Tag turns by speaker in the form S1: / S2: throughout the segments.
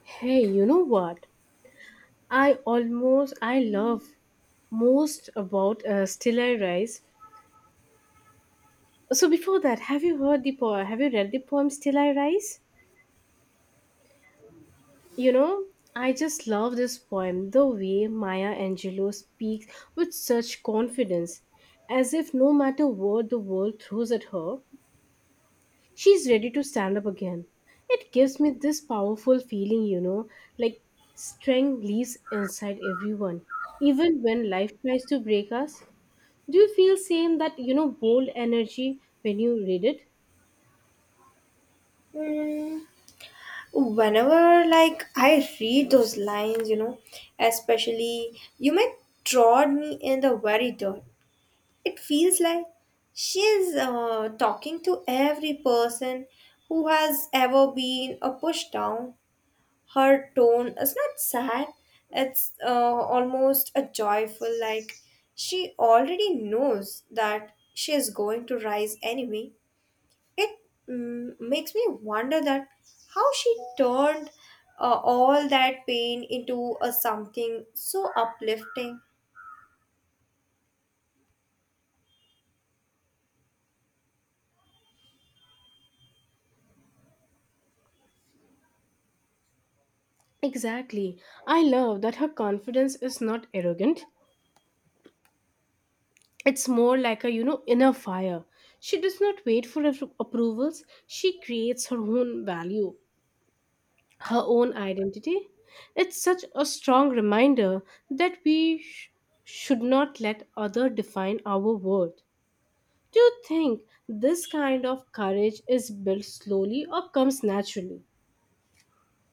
S1: Hey, you know what? I love most about Still I Rise. So before that, have you heard the poem? Have you read the poem Still I Rise? You know, I just love this poem. The way Maya Angelou speaks with such confidence, as if no matter what the world throws at her, she's ready to stand up again. It gives me this powerful feeling, you know, like strength lives inside everyone, even when life tries to break us. Do you feel same that you know bold energy when you read it?
S2: Mm, whenever like I read those lines, especially you might trod me in the very dirt. It feels like she is talking to every person who has ever been pushed down. Her tone is not sad; it's almost a joyful. Like she already knows that she is going to rise anyway. It makes me wonder that how she turned all that pain into a something so uplifting.
S1: Exactly. I love that her confidence is not arrogant. It's more like a, you know, inner fire. She does not wait for approvals. She creates her own value, her own identity. It's such a strong reminder that we should not let others define our worth. Do you think this kind of courage is built slowly or comes naturally?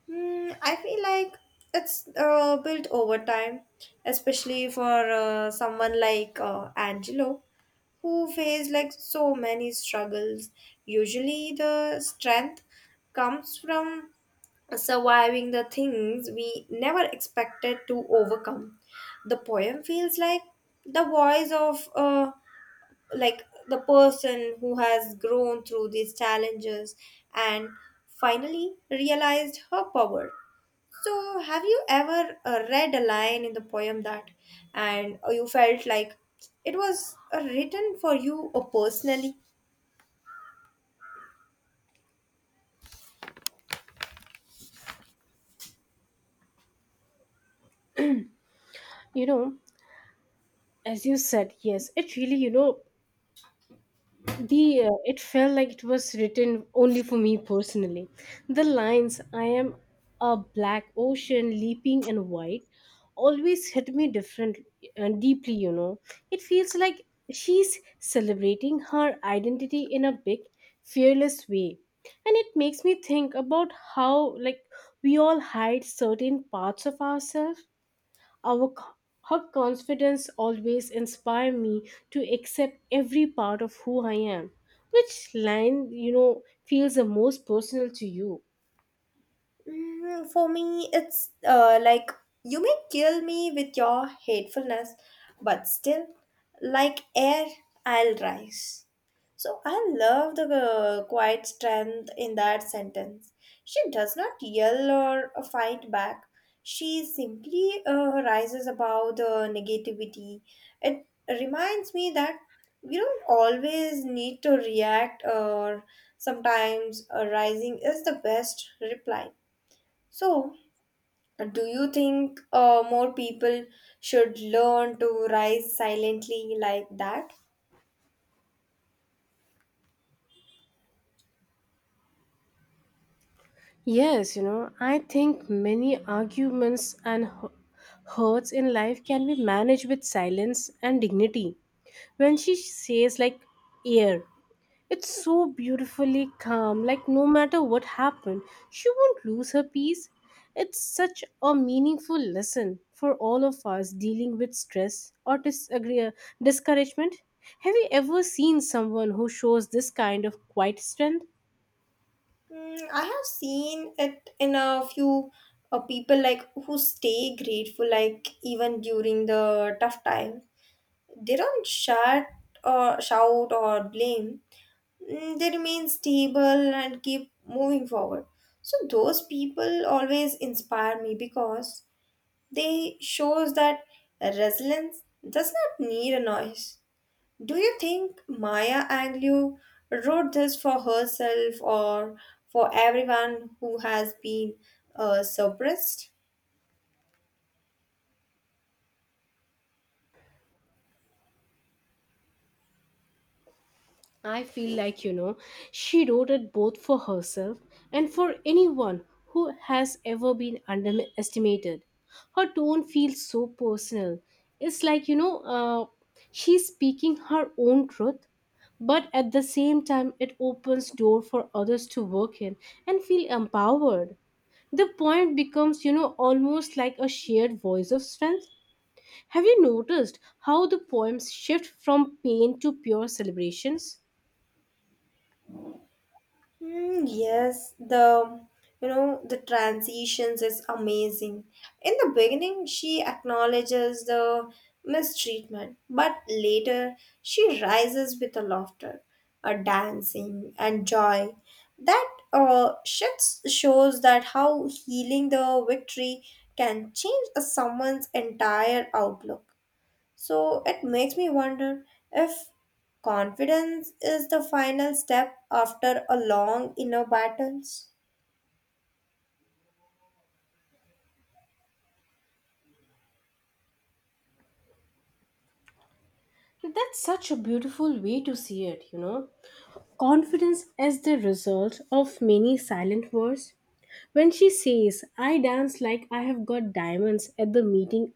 S2: I feel like it's built over time, especially for someone like Angelo who faced like so many struggles. Usually, the strength comes from surviving the things we never expected to overcome. The poem feels like the voice of like the person who has grown through these challenges and finally realized her power. So, have you ever read a line in the poem that and you felt like it was written for you personally?
S1: You know, as you said, yes, it really, you know, the it felt like it was written only for me personally. The lines, I am a black ocean leaping and white, always hit me different and deeply, you know. It feels like she's celebrating her identity in a big, fearless way, and it makes me think about how, like, we all hide certain parts of ourselves. our, co- Her confidence always inspired me to accept every part of who I am. Which line, you know, feels the most personal to you?
S2: For me, it's like you may kill me with your hatefulness, but still, like air, I'll rise. So I love the quiet strength in that sentence. She does not yell or fight back. She simply rises above the negativity. It reminds me that we don't always need to react, or sometimes rising is the best reply. So, do you think more people should learn to rise silently like that?
S1: Yes, you know, I think many arguments and hurts in life can be managed with silence and dignity. When she says, like, air, it's so beautifully calm, like no matter what happened, she won't lose her peace. It's such a meaningful lesson for all of us dealing with stress or discouragement. Have you ever seen someone who shows this kind of quiet strength?
S2: I have seen it in a few people like who stay grateful like even during the tough time. They don't shout or blame. They remain stable and keep moving forward. So those people always inspire me because they shows that resilience does not need a noise. Do you think Maya Angelou wrote this for herself or for everyone who has been suppressed?
S1: I feel like, you know, she wrote it both for herself and for anyone who has ever been underestimated. Her tone feels so personal. It's like, you know, she's speaking her own truth, but at the same time, it opens door for others to work in and feel empowered. The poem becomes, you know, almost like a shared voice of strength. Have you noticed how the poems shift from pain to pure celebrations?
S2: Hmm, yes, the you know the transitions is amazing. In the beginning, she acknowledges the mistreatment, but later she rises with a laughter, a dancing and joy. That shifts shows that how healing the victory can change a someone's entire outlook. So it makes me wonder if confidence is the final step after a long inner battles.
S1: That's such a beautiful way to see it, you know. Confidence is the result of many silent words. When she says, I dance like I have got diamonds at the meeting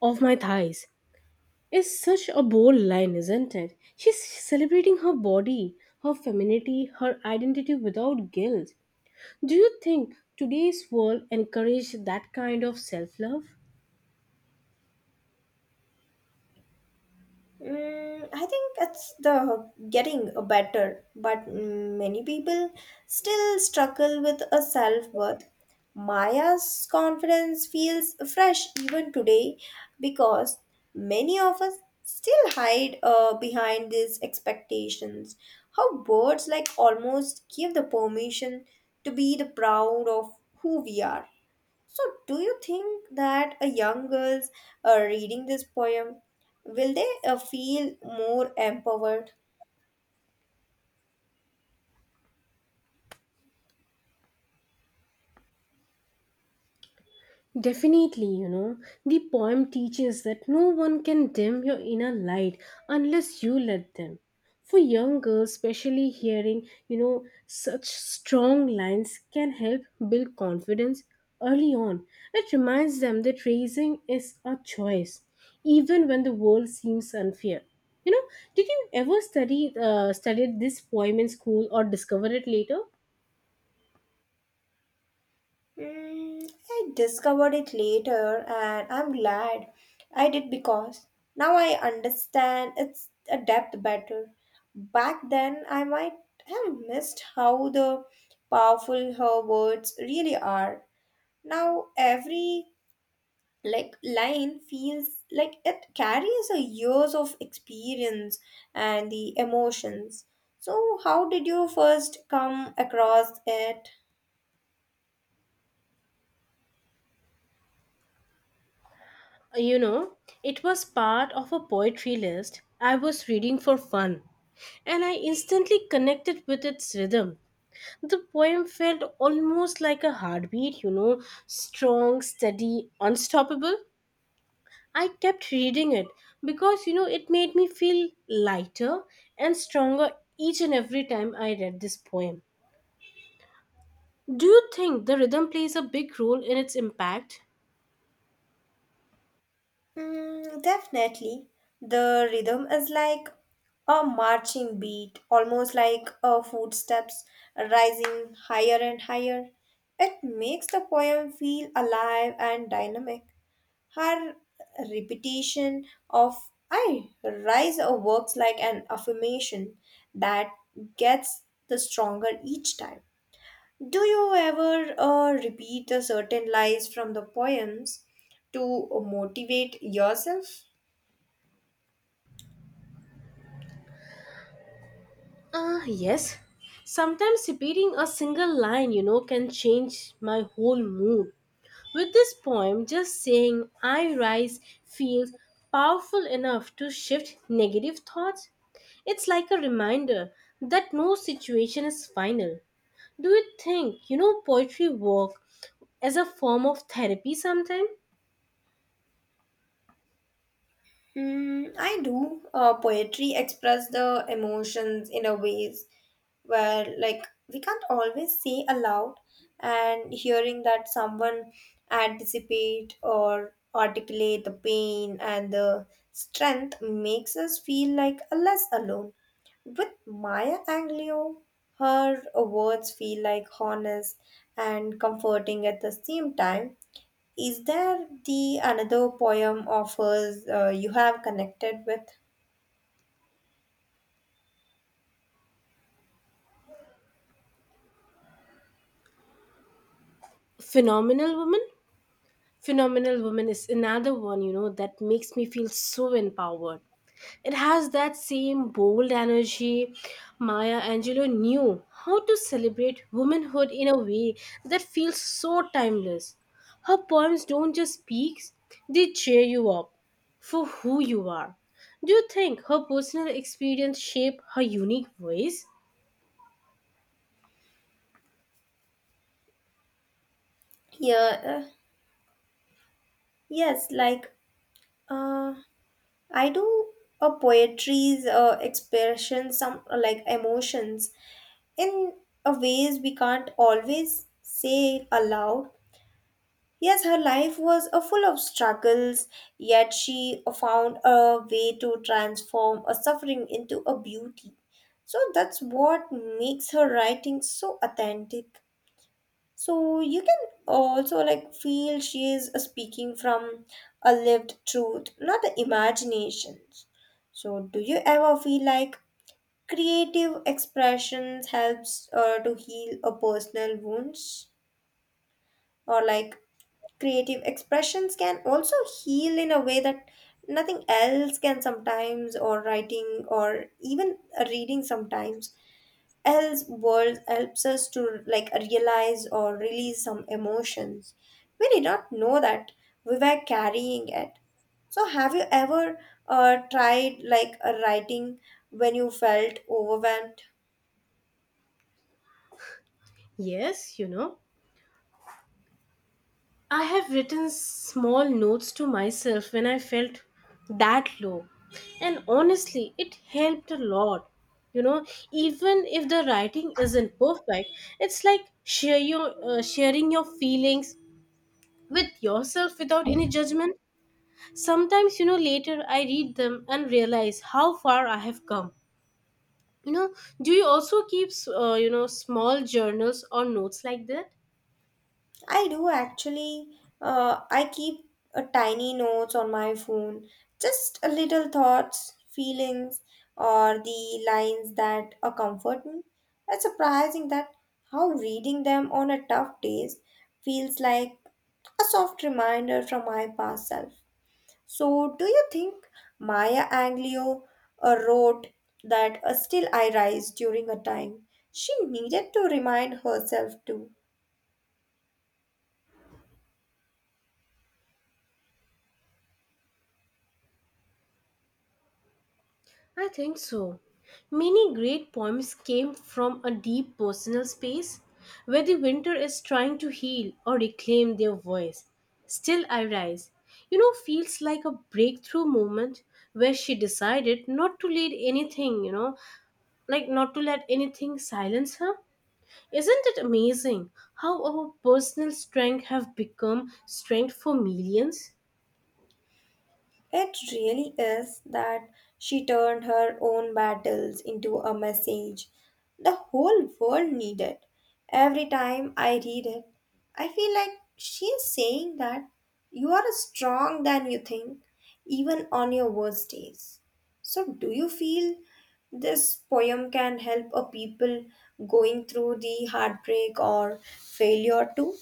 S1: of my thighs, is such a bold line, isn't it? She's celebrating her body, her femininity, her identity without guilt. Do you think today's world encourages that kind of self love?
S2: I think it's the getting better, but many people still struggle with a self worth. Maya's confidence feels fresh even today because many of us still hide behind these expectations. How birds like almost give the permission to be the proud of who we are. So, do you think that a young girls reading this poem will they feel more empowered?
S1: Definitely, you know, the poem teaches that no one can dim your inner light unless you let them. For young girls, especially hearing, you know, such strong lines can help build confidence early on. It reminds them that raising is a choice, even when the world seems unfair. You know, did you ever study studied this poem in school or discover it later?
S2: I discovered it later, and I'm glad I did because now I understand its a depth better. Back then, I might have missed how the powerful her words really are. Now, every like line feels like it carries a years of experience and the emotions. So how did you first come across it?
S1: You know, it was part of a poetry list I was reading for fun, and I instantly connected with its rhythm. The poem felt almost like a heartbeat, you know, strong, steady, unstoppable. I kept reading it because, you know, it made me feel lighter and stronger each and every time I read this poem. Do you think the rhythm plays a big role in its impact?
S2: Definitely the rhythm is like a marching beat, almost like a footsteps, rising higher and higher. It makes the poem feel alive and dynamic. Her repetition of I rise or works like an affirmation that gets the stronger each time. Do you ever repeat the certain lines from the poems to motivate yourself?
S1: Yes. Sometimes repeating a single line, you know, can change my whole mood. With this poem, just saying I rise feels powerful enough to shift negative thoughts. It's like a reminder that no situation is final. Do you think, you know, poetry work as a form of therapy sometime?
S2: I do. Poetry express the emotions in a ways where like we can't always say aloud, and hearing that someone anticipate or articulate the pain and the strength makes us feel like a less alone. With Maya Angelou, her words feel like honest and comforting at the same time. Is there the another poem of hers you have connected with?
S1: Phenomenal woman? Phenomenal Woman is another one, you know, that makes me feel so empowered. It has that same bold energy. Maya Angelou knew how to celebrate womanhood in a way that feels so timeless. Her poems don't just speak, they cheer you up for who you are. Do you think her personal experience shaped her unique voice?
S2: Yeah, yes, like, uh, I do. A poetry's expression some like emotions in a ways we can't always say aloud. Yes, her life was a full of struggles, yet she found a way to transform a suffering into a beauty. So that's what makes her writing so authentic. So you can also like feel she is speaking from a lived truth, not the imaginations. So do you ever feel like creative expressions helps to heal a personal wounds, or like creative expressions can also heal in a way that nothing else can sometimes, or writing or even reading sometimes else world helps us to like realize or release some emotions we did not know that we were carrying it? So have you ever tried like a writing when you felt overwhelmed?
S1: Yes, you know. I have written small notes to myself when I felt that low. And honestly, it helped a lot. You know, even if the writing isn't perfect, it's like share your sharing your feelings with yourself without any judgment. Sometimes, you know, later I read them and realize how far I have come. You know, do you also keep you know small journals or notes like that?
S2: I do actually. I keep a tiny notes on my phone, just a little thoughts, feelings, or the lines that comfort me. It's surprising that how reading them on a tough days feels like a soft reminder from my past self. So, do you think Maya Angelou wrote that still I rise during a time she needed to remind herself too?
S1: I think so. Many great poems came from a deep personal space where the winter is trying to heal or reclaim their voice. Still I rise, you know, feels like a breakthrough moment where she decided not to let anything, you know, like not to let anything silence her. Isn't it amazing how our personal strength have become strength for millions?
S2: It really is that she turned her own battles into a message the whole world needed. Every time I read it, I feel like she is saying that you are strong than you think, even on your worst days. So, do you feel this poem can help a people going through the heartbreak or failure too?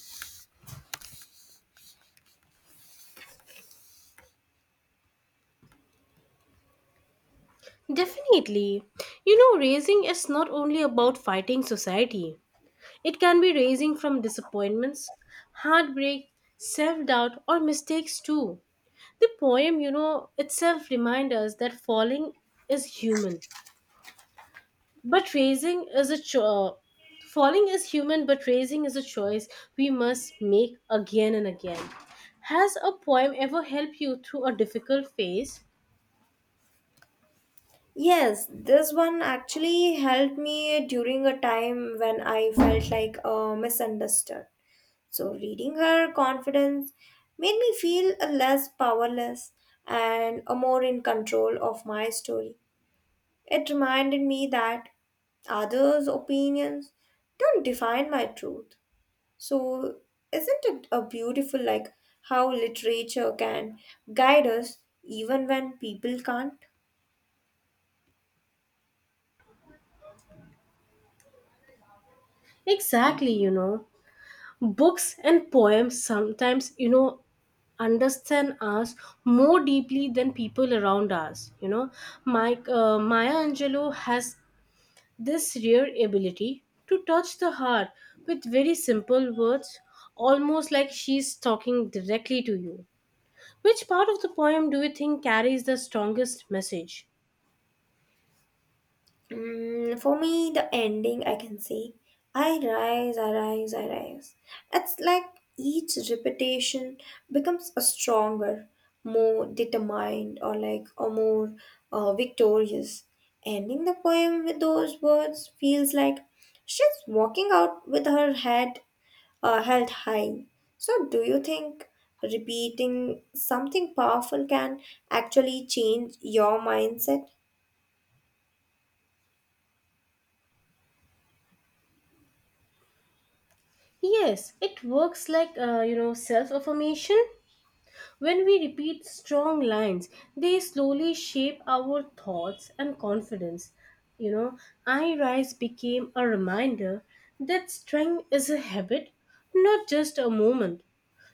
S1: Definitely. You know, raising is not only about fighting society. It can be raising from disappointments, heartbreak, self doubt, or mistakes too. The poem, you know, itself reminds us that falling is human, but raising is a cho- falling is human, but raising is a choice we must make again and again. Has a poem ever helped you through a difficult phase?
S2: Yes, this one actually helped me during a time when I felt like misunderstood. So, reading her confidence made me feel a less powerless and a more in control of my story. It reminded me that others' opinions don't define my truth. So, isn't it a beautiful like how literature can guide us even when people can't?
S1: Exactly, you know. Books and poems, sometimes, you know, understand us more deeply than people around us, you know. Mike Maya Angelou has this rare ability to touch the heart with very simple words, almost like she's talking directly to you. Which part of the poem do you think carries the strongest message?
S2: For me, the ending I can say, I rise, I rise, I rise. It's like each repetition becomes a stronger, more determined, or like a more victorious. Ending the poem with those words feels like she's walking out with her head held high. So, do you think repeating something powerful can actually change your mindset?
S1: Yes, it works like, you know, self affirmation. When we repeat strong lines, they slowly shape our thoughts and confidence. You know, I Rise became a reminder that strength is a habit, not just a moment.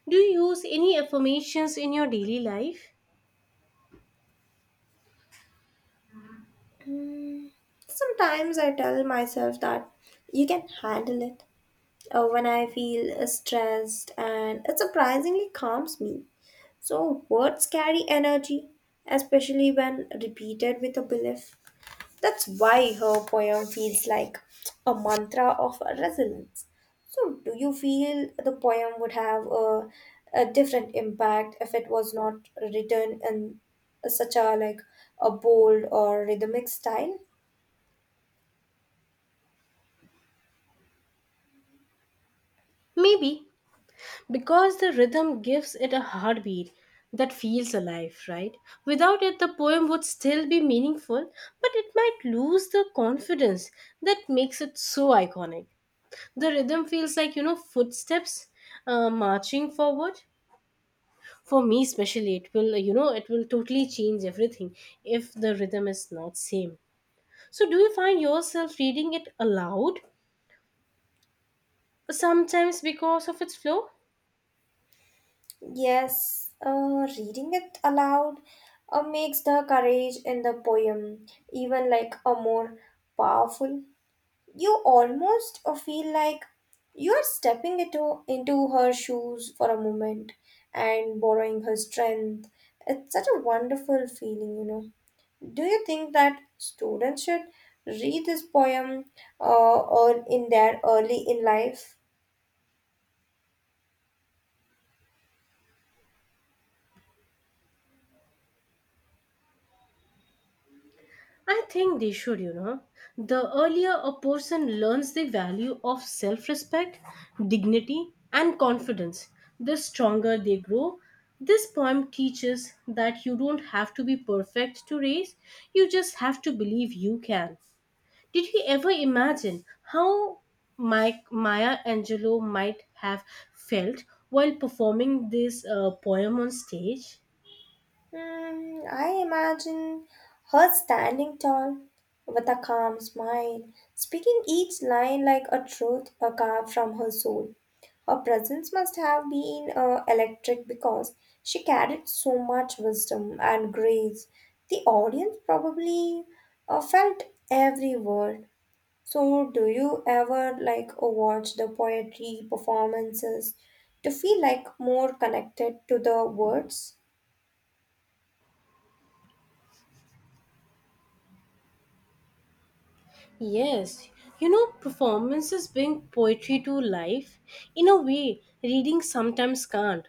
S1: Do you use any affirmations in your daily life?
S2: Mm, Sometimes I tell myself that you can handle it when I feel stressed, and it surprisingly calms me. So, words carry energy, especially when repeated with a belief. That's why her poem feels like a mantra of resilience. So, do you feel the poem would have a different impact if it was not written in such a like a bold or rhythmic style?
S1: Maybe, because the rhythm gives it a heartbeat that feels alive, right? Without it, the poem would still be meaningful, but it might lose the confidence that makes it so iconic. The rhythm feels like, you know, footsteps marching forward. For me especially, it will, you know, it will totally change everything if the rhythm is not same. So do you find yourself reading it aloud sometimes because of its flow?
S2: Yes, reading it aloud makes the courage in the poem even like a more powerful. You almost feel like you are stepping into her shoes for a moment and borrowing her strength. It's such a wonderful feeling. Do you think that students should read this poem or in their early in life?
S1: I think they should, you know. The earlier a person learns the value of self respect, dignity, and confidence, the stronger they grow. This poem teaches that you don't have to be perfect to race, you just have to believe you can. Did you ever imagine how Maya Angelou might have felt while performing this poem on stage?
S2: I imagine her standing tall with a calm smile, speaking each line like a truth a carved from her soul. Her presence must have been electric because she carried so much wisdom and grace. The audience probably felt every word. So, do you ever like watch the poetry performances to feel like more connected to the words?
S1: Yes, you know, performances bring poetry to life in a way reading sometimes can't.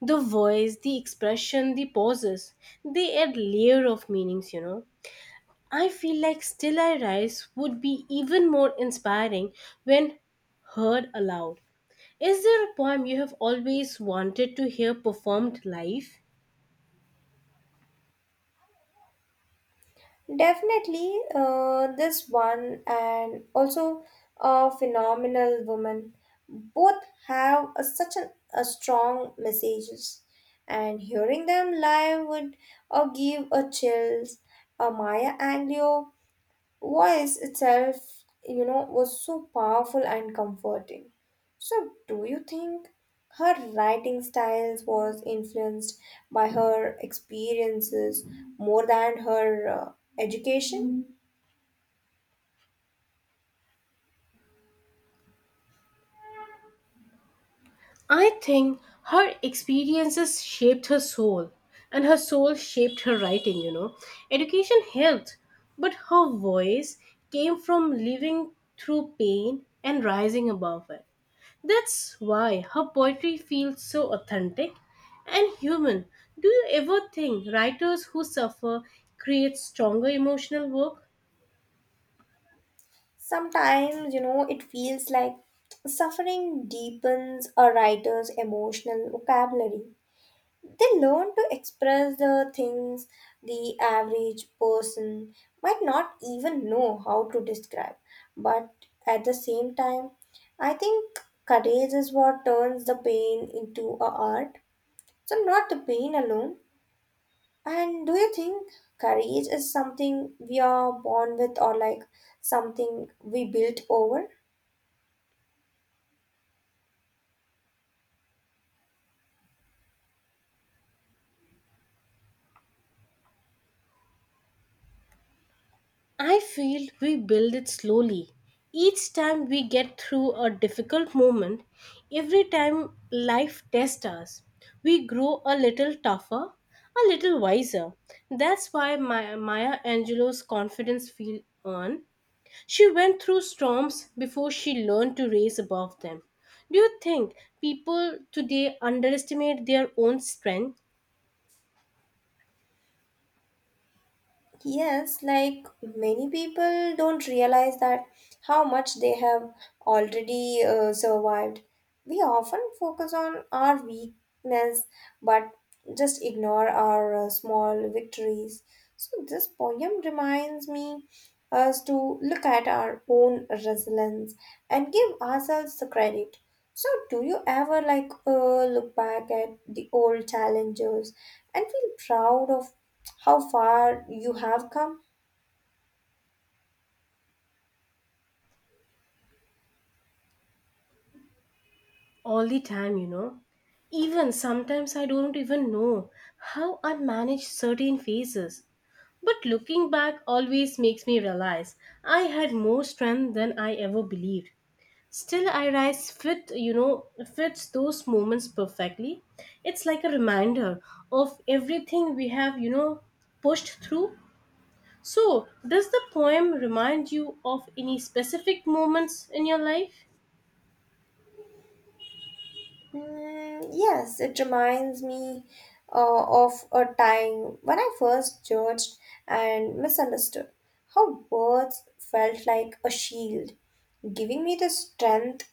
S1: The voice, the expression, the pauses, they add layer of meanings, you know. I feel like Still I Rise would be even more inspiring when heard aloud. Is there a poem you have always wanted to hear performed live?
S2: Definitely, this one and also a phenomenal woman. Both have a, such an, a strong messages, and hearing them live would give a chills. Maya Angelou voice itself, was so powerful and comforting. So, do you think her writing styles was influenced by her experiences more than her education?
S1: I think her experiences shaped her soul, and her soul shaped her writing, you know. Education helped, but her voice came from living through pain and rising above it. That's why her poetry feels so authentic and human. Do you ever think writers who suffer create stronger emotional work?
S2: Sometimes, it feels like suffering deepens a writer's emotional vocabulary. They learn to express the things the average person might not even know how to describe. But at the same time, I think courage is what turns the pain into a art. So not the pain alone. And do you think courage is something we are born with, or like something we built over?
S1: I feel we build it slowly. Each time we get through a difficult moment, every time life tests us, we grow a little tougher, a little wiser. That's why Maya Angelou's confidence feel earned. She went through storms before she learned to raise above them. Do you think people today underestimate their own strength?
S2: Yes, like many people don't realize that how much they have already survived. We often focus on our weakness but just ignore our small victories. So, this poem reminds me us to look at our own resilience and give ourselves the credit. So, do you ever like look back at the old challenges and feel proud of how far you have come?
S1: All the time, you know. Even sometimes I don't even know how I manage certain phases. But looking back always makes me realize I had more strength than I ever believed. Still, I rise fit, you know, fits those moments perfectly. It's like a reminder of everything we have, you know, pushed through. So, does the poem remind you of any specific moments in your life?
S2: Mm, yes, it reminds me of a time when I first judged and misunderstood how words felt like a shield, giving me the strength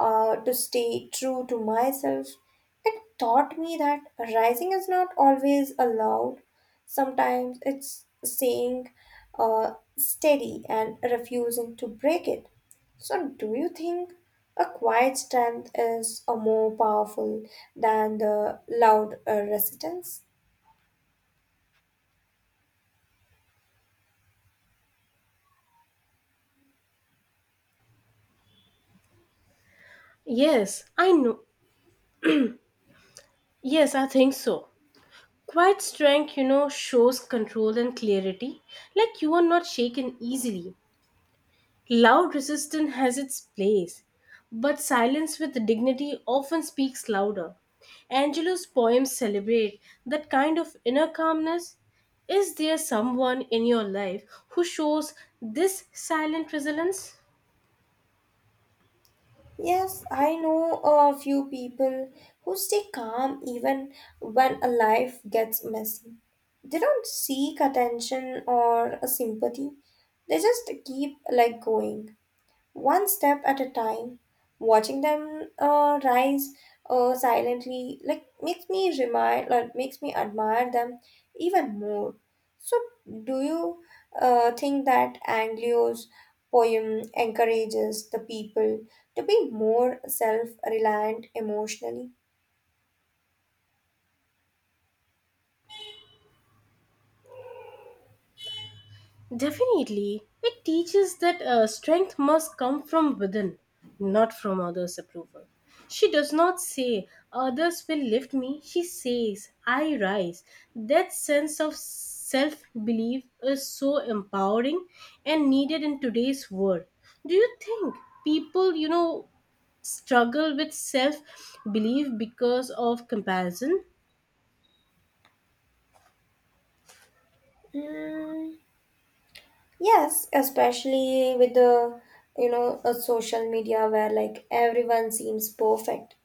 S2: to stay true to myself. It taught me that rising is not always allowed. Sometimes it's saying steady and refusing to break it. So, do you think a quiet strength is a more powerful than the loud resistance?
S1: Yes, I know. Yes, I think so. Quiet strength, you know, shows control and clarity, like you are not shaken easily. Loud resistance has its place, but silence with dignity often speaks louder. Angelo's poems celebrate that kind of inner calmness. Is there someone in your life who shows this silent resilience?
S2: Yes, I know a few people who stay calm even when a life gets messy. They don't seek attention or sympathy. They just keep like going, one step at a time, watching them rise silently, like makes me admire them even more. So, do you think that Anglio's poem encourages the people to be more self-reliant emotionally?
S1: Definitely. It teaches that strength must come from within, not from others' approval. She does not say, others will lift me. She says, I rise. That sense of self belief is so empowering and needed in today's world. Do you think people, you know, struggle with self belief because of comparison?
S2: Mm, yes, especially with the a social media where like everyone seems perfect.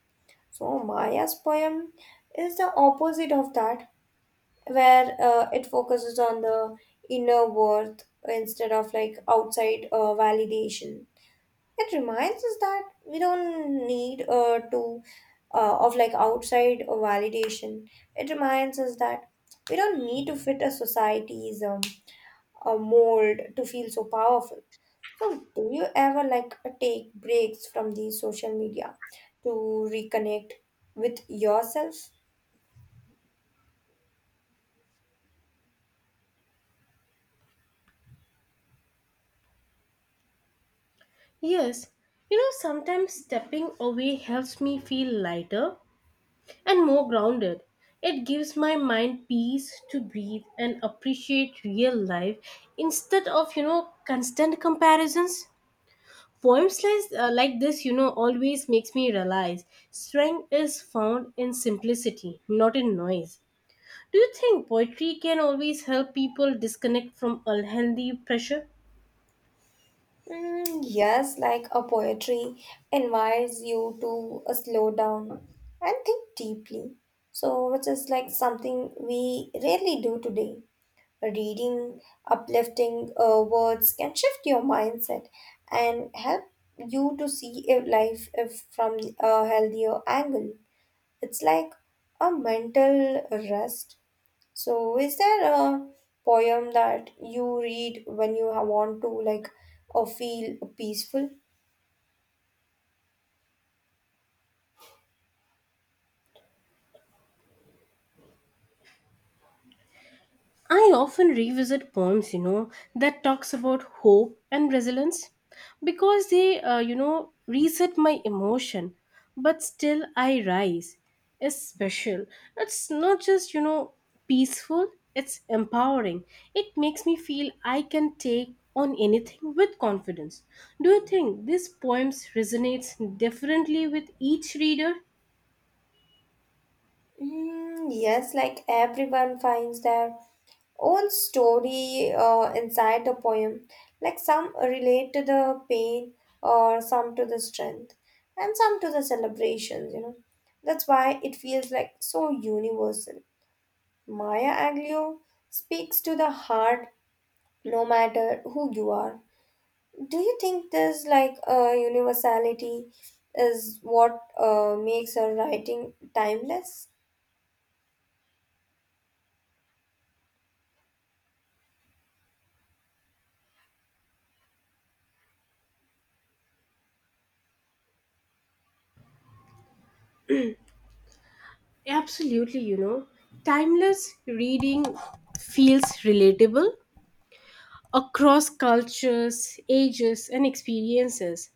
S2: So Maya's poem is the opposite of that, where it focuses on the inner worth instead of like outside validation. It reminds us that we don't need to of like outside validation. It reminds us that we don't need to fit a society's a mold to feel so powerful. So, do you ever like take breaks from the social media to reconnect with yourself?
S1: Yes, you know, sometimes stepping away helps me feel lighter and more grounded. It gives my mind peace to breathe and appreciate real life instead of, you know, constant comparisons. Poems like this, you know, always makes me realize strength is found in simplicity, not in noise. Do you think poetry can always help people disconnect from unhealthy pressure?
S2: Mm, yes, like a poetry invites you to slow down and think deeply. So, which is like something we rarely do today. Reading uplifting words can shift your mindset and help you to see if life if from a healthier angle. It's like a mental rest. So, is there a poem that you read when you want to like or feel peaceful?
S1: I often revisit poems that talks about hope and resilience because they reset my emotion, but still I rise. It's special. It's not just peaceful, it's empowering. It makes me feel I can take on anything with confidence. Do you think these poems resonates differently with each reader?
S2: Mm, yes, like everyone finds their own story inside the poem. Like some relate to the pain, or some to the strength, and some to the celebrations, you know. That's why it feels like so universal. Maya Angelou speaks to the heart no matter who you are. Do you think this like universality is what makes her writing timeless?
S1: Absolutely. Timeless reading feels relatable across cultures, ages, and experiences.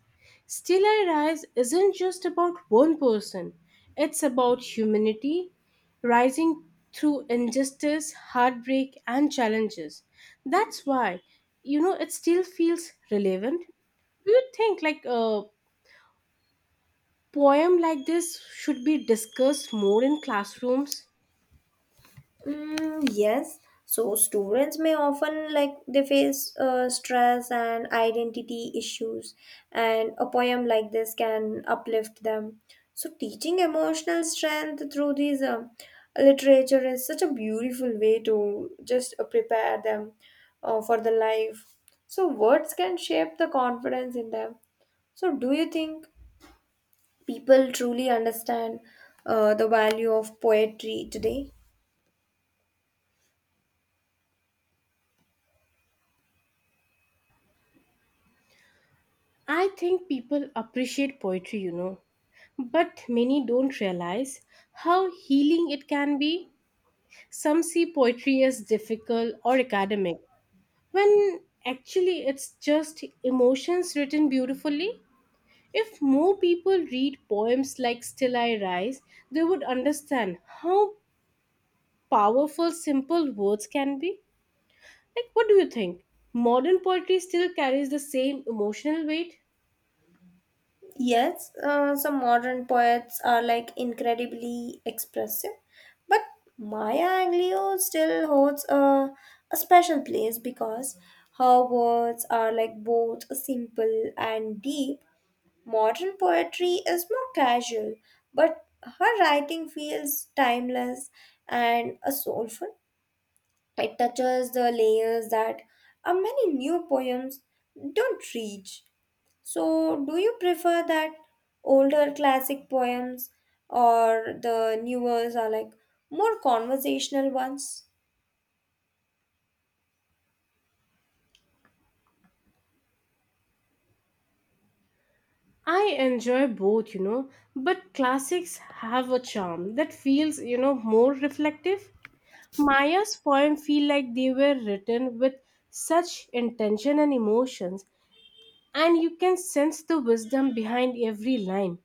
S1: Still I Rise isn't just about one person, it's about humanity rising through injustice, heartbreak, and challenges. That's why it still feels relevant. Do you think like a poem like this should be discussed more in classrooms?
S2: Mm, yes. So students may often like they face stress and identity issues, and a poem like this can uplift them. So teaching emotional strength through these literature is such a beautiful way to just prepare them for the life. So words can shape the confidence in them. So do you think people truly understand the value of poetry today?
S1: I think people appreciate poetry. But many don't realize how healing it can be. Some see poetry as difficult or academic, when actually it's just emotions written beautifully. If more people read poems like Still I Rise, they would understand how powerful simple words can be. Like, what do you think? Modern poetry still carries the same emotional weight?
S2: Yes, some modern poets are like incredibly expressive, but Maya Angelou still holds a special place because her words are like both simple and deep. Modern poetry is more casual, but her writing feels timeless and soulful. It touches the layers that many new poems don't reach. So, do you prefer that older classic poems or the newers are like more conversational ones?
S1: I enjoy both, but classics have a charm that feels more reflective. Maya's poems feel like they were written with such intention and emotions, and you can sense the wisdom behind every line.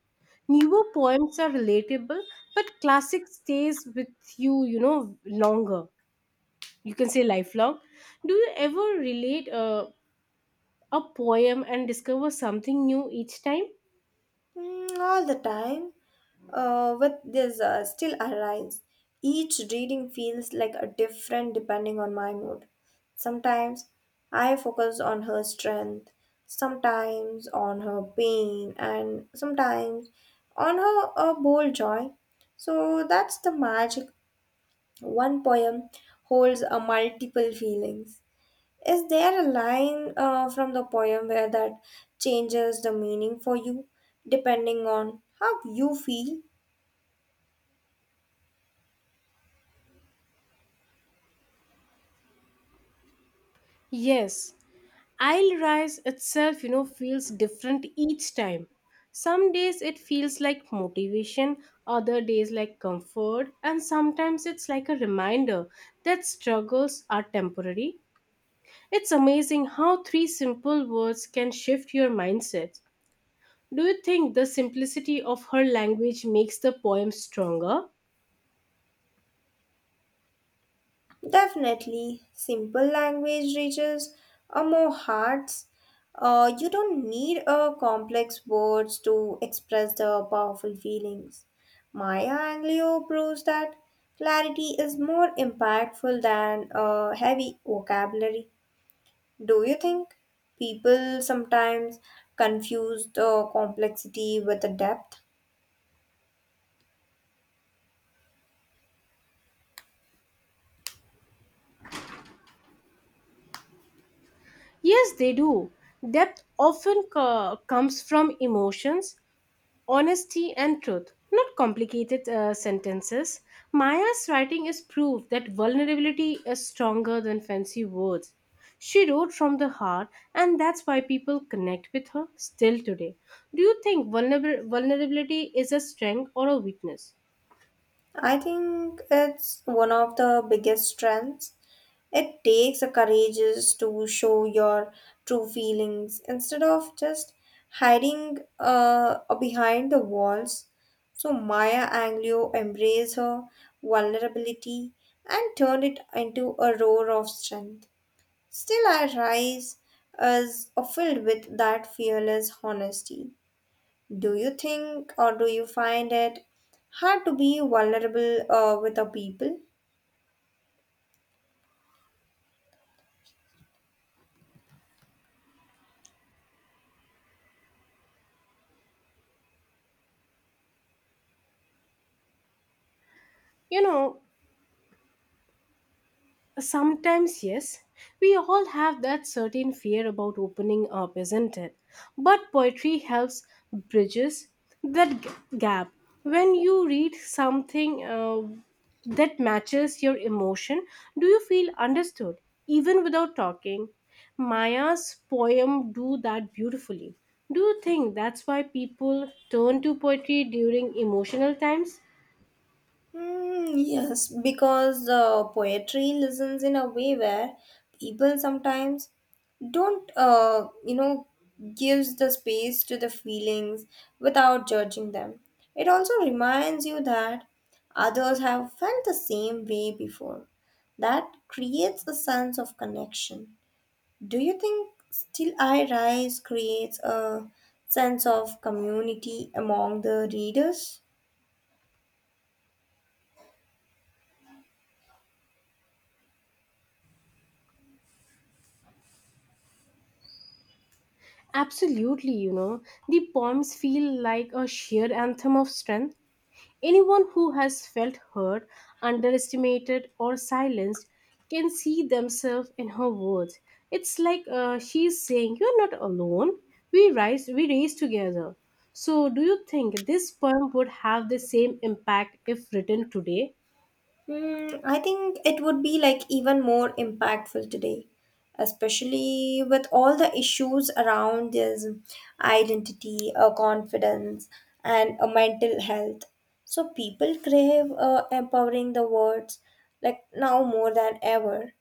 S1: Newer poems are relatable, but classic stays with you longer. You can say lifelong. Do you ever relate a poem and discover something new each time?
S2: Mm, all the time. With this still arise. Each reading feels like a different depending on my mood. Sometimes I focus on her strength, sometimes on her pain, and sometimes on her bold joy. So that's the magic. One poem holds a multiple feelings. Is there a line from the poem where that changes the meaning for you depending on how you feel?
S1: Yes, Isle Rise itself feels different each time. Some days it feels like motivation, other days like comfort, and sometimes it's like a reminder that struggles are temporary. It's amazing how three simple words can shift your mindset. Do you think the simplicity of her language makes the poem stronger?
S2: Definitely, simple language reaches a more hearts. You don't need a complex words to express the powerful feelings. Maya Angelou proves that clarity is more impactful than a heavy vocabulary. Do you think people sometimes confuse the complexity with the depth?
S1: Yes, they do. Depth often comes from emotions honesty and truth, not complicated sentences. Maya's writing is proof that vulnerability is stronger than fancy words. She wrote from the heart, and that's why people connect with her still today. Do you think vulnerability is a strength or a weakness?
S2: I think it's one of the biggest strengths. It takes a courageous to show your true feelings instead of just hiding behind the walls. So Maya Angelou embraced her vulnerability and turned it into a roar of strength. Still, I rise as filled with that fearless honesty. Do you think or do you find it hard to be vulnerable with the people?
S1: You know, Sometimes, yes, we all have that certain fear about opening up, isn't it? But poetry helps bridges that gap. When you read something that matches your emotion, do you feel understood, even without talking? Maya's poem do that beautifully. Do you think that's why people turn to poetry during emotional times?
S2: Hmm, yes, because poetry listens in a way where people sometimes don't, gives the space to the feelings without judging them. It also reminds you that others have felt the same way before. That creates a sense of connection. Do you think Still I Rise creates a sense of community among the readers?
S1: Absolutely, the poems feel like a sheer anthem of strength. Anyone who has felt hurt, underestimated, or silenced can see themselves in her words. It's like she's saying, "You're not alone. We rise, we raise together." So, do you think this poem would have the same impact if written today?
S2: Hmm, I think it would be like even more impactful today, especially with all the issues around this identity, confidence, and mental health. So people crave empowering the words like now more than ever.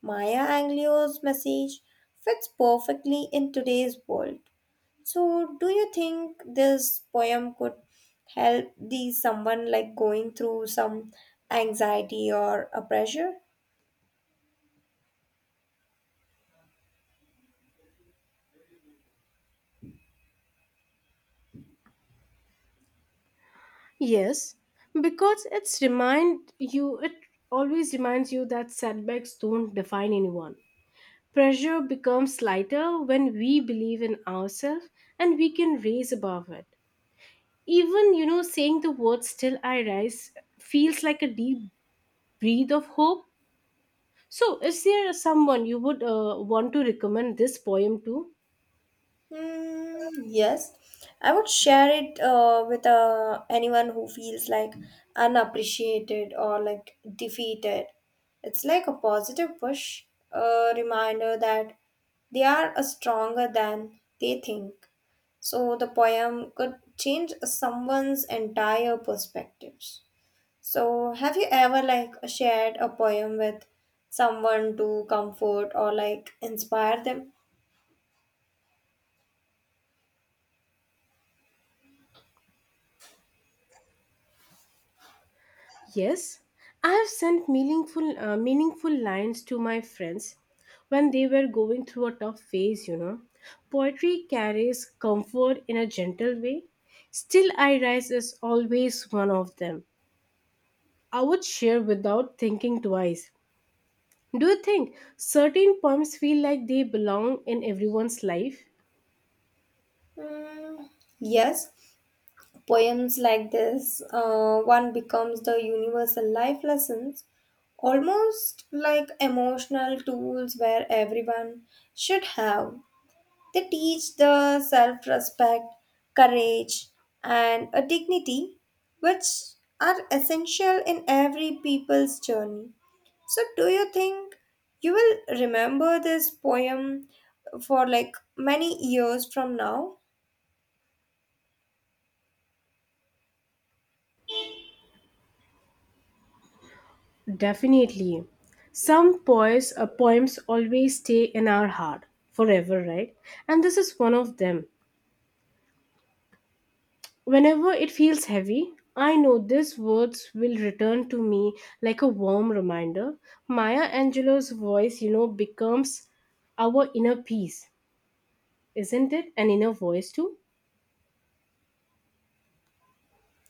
S2: Maya Angelou's message fits perfectly in today's world. So, do you think this poem could help the someone like going through some anxiety or a pressure?
S1: Yes, because it's remind you, it always reminds you that setbacks don't define anyone. Pressure becomes lighter when we believe in ourselves and we can raise above it. Even saying the word still I rise feels like a deep breath of hope. So, is there someone you would want to recommend this poem to?
S2: Hmm, yes, I would share it with anyone who feels like unappreciated or like defeated. It's like a positive push, a reminder that they are stronger than they think. So, the poem could change someone's entire perspectives. So, have you ever like shared a poem with someone to comfort or like inspire them?
S1: Yes, I have sent meaningful lines to my friends when they were going through a tough phase. Poetry carries comfort in a gentle way. Still, I Rise is always one of them. I would share without thinking twice. Do you think certain poems feel like they belong in everyone's life?
S2: Mm, yes, poems like this, one becomes the universal life lessons, almost like emotional tools where everyone should have. They teach the self respect, courage, and a dignity which are essential in every people's journey. So, do you think you will remember this poem for like many years from now?
S1: Definitely. Some poems always stay in our heart forever, right? And this is one of them. Whenever it feels heavy, I know these words will return to me like a warm reminder. Maya Angelou's voice becomes our inner peace, isn't it? An inner voice too?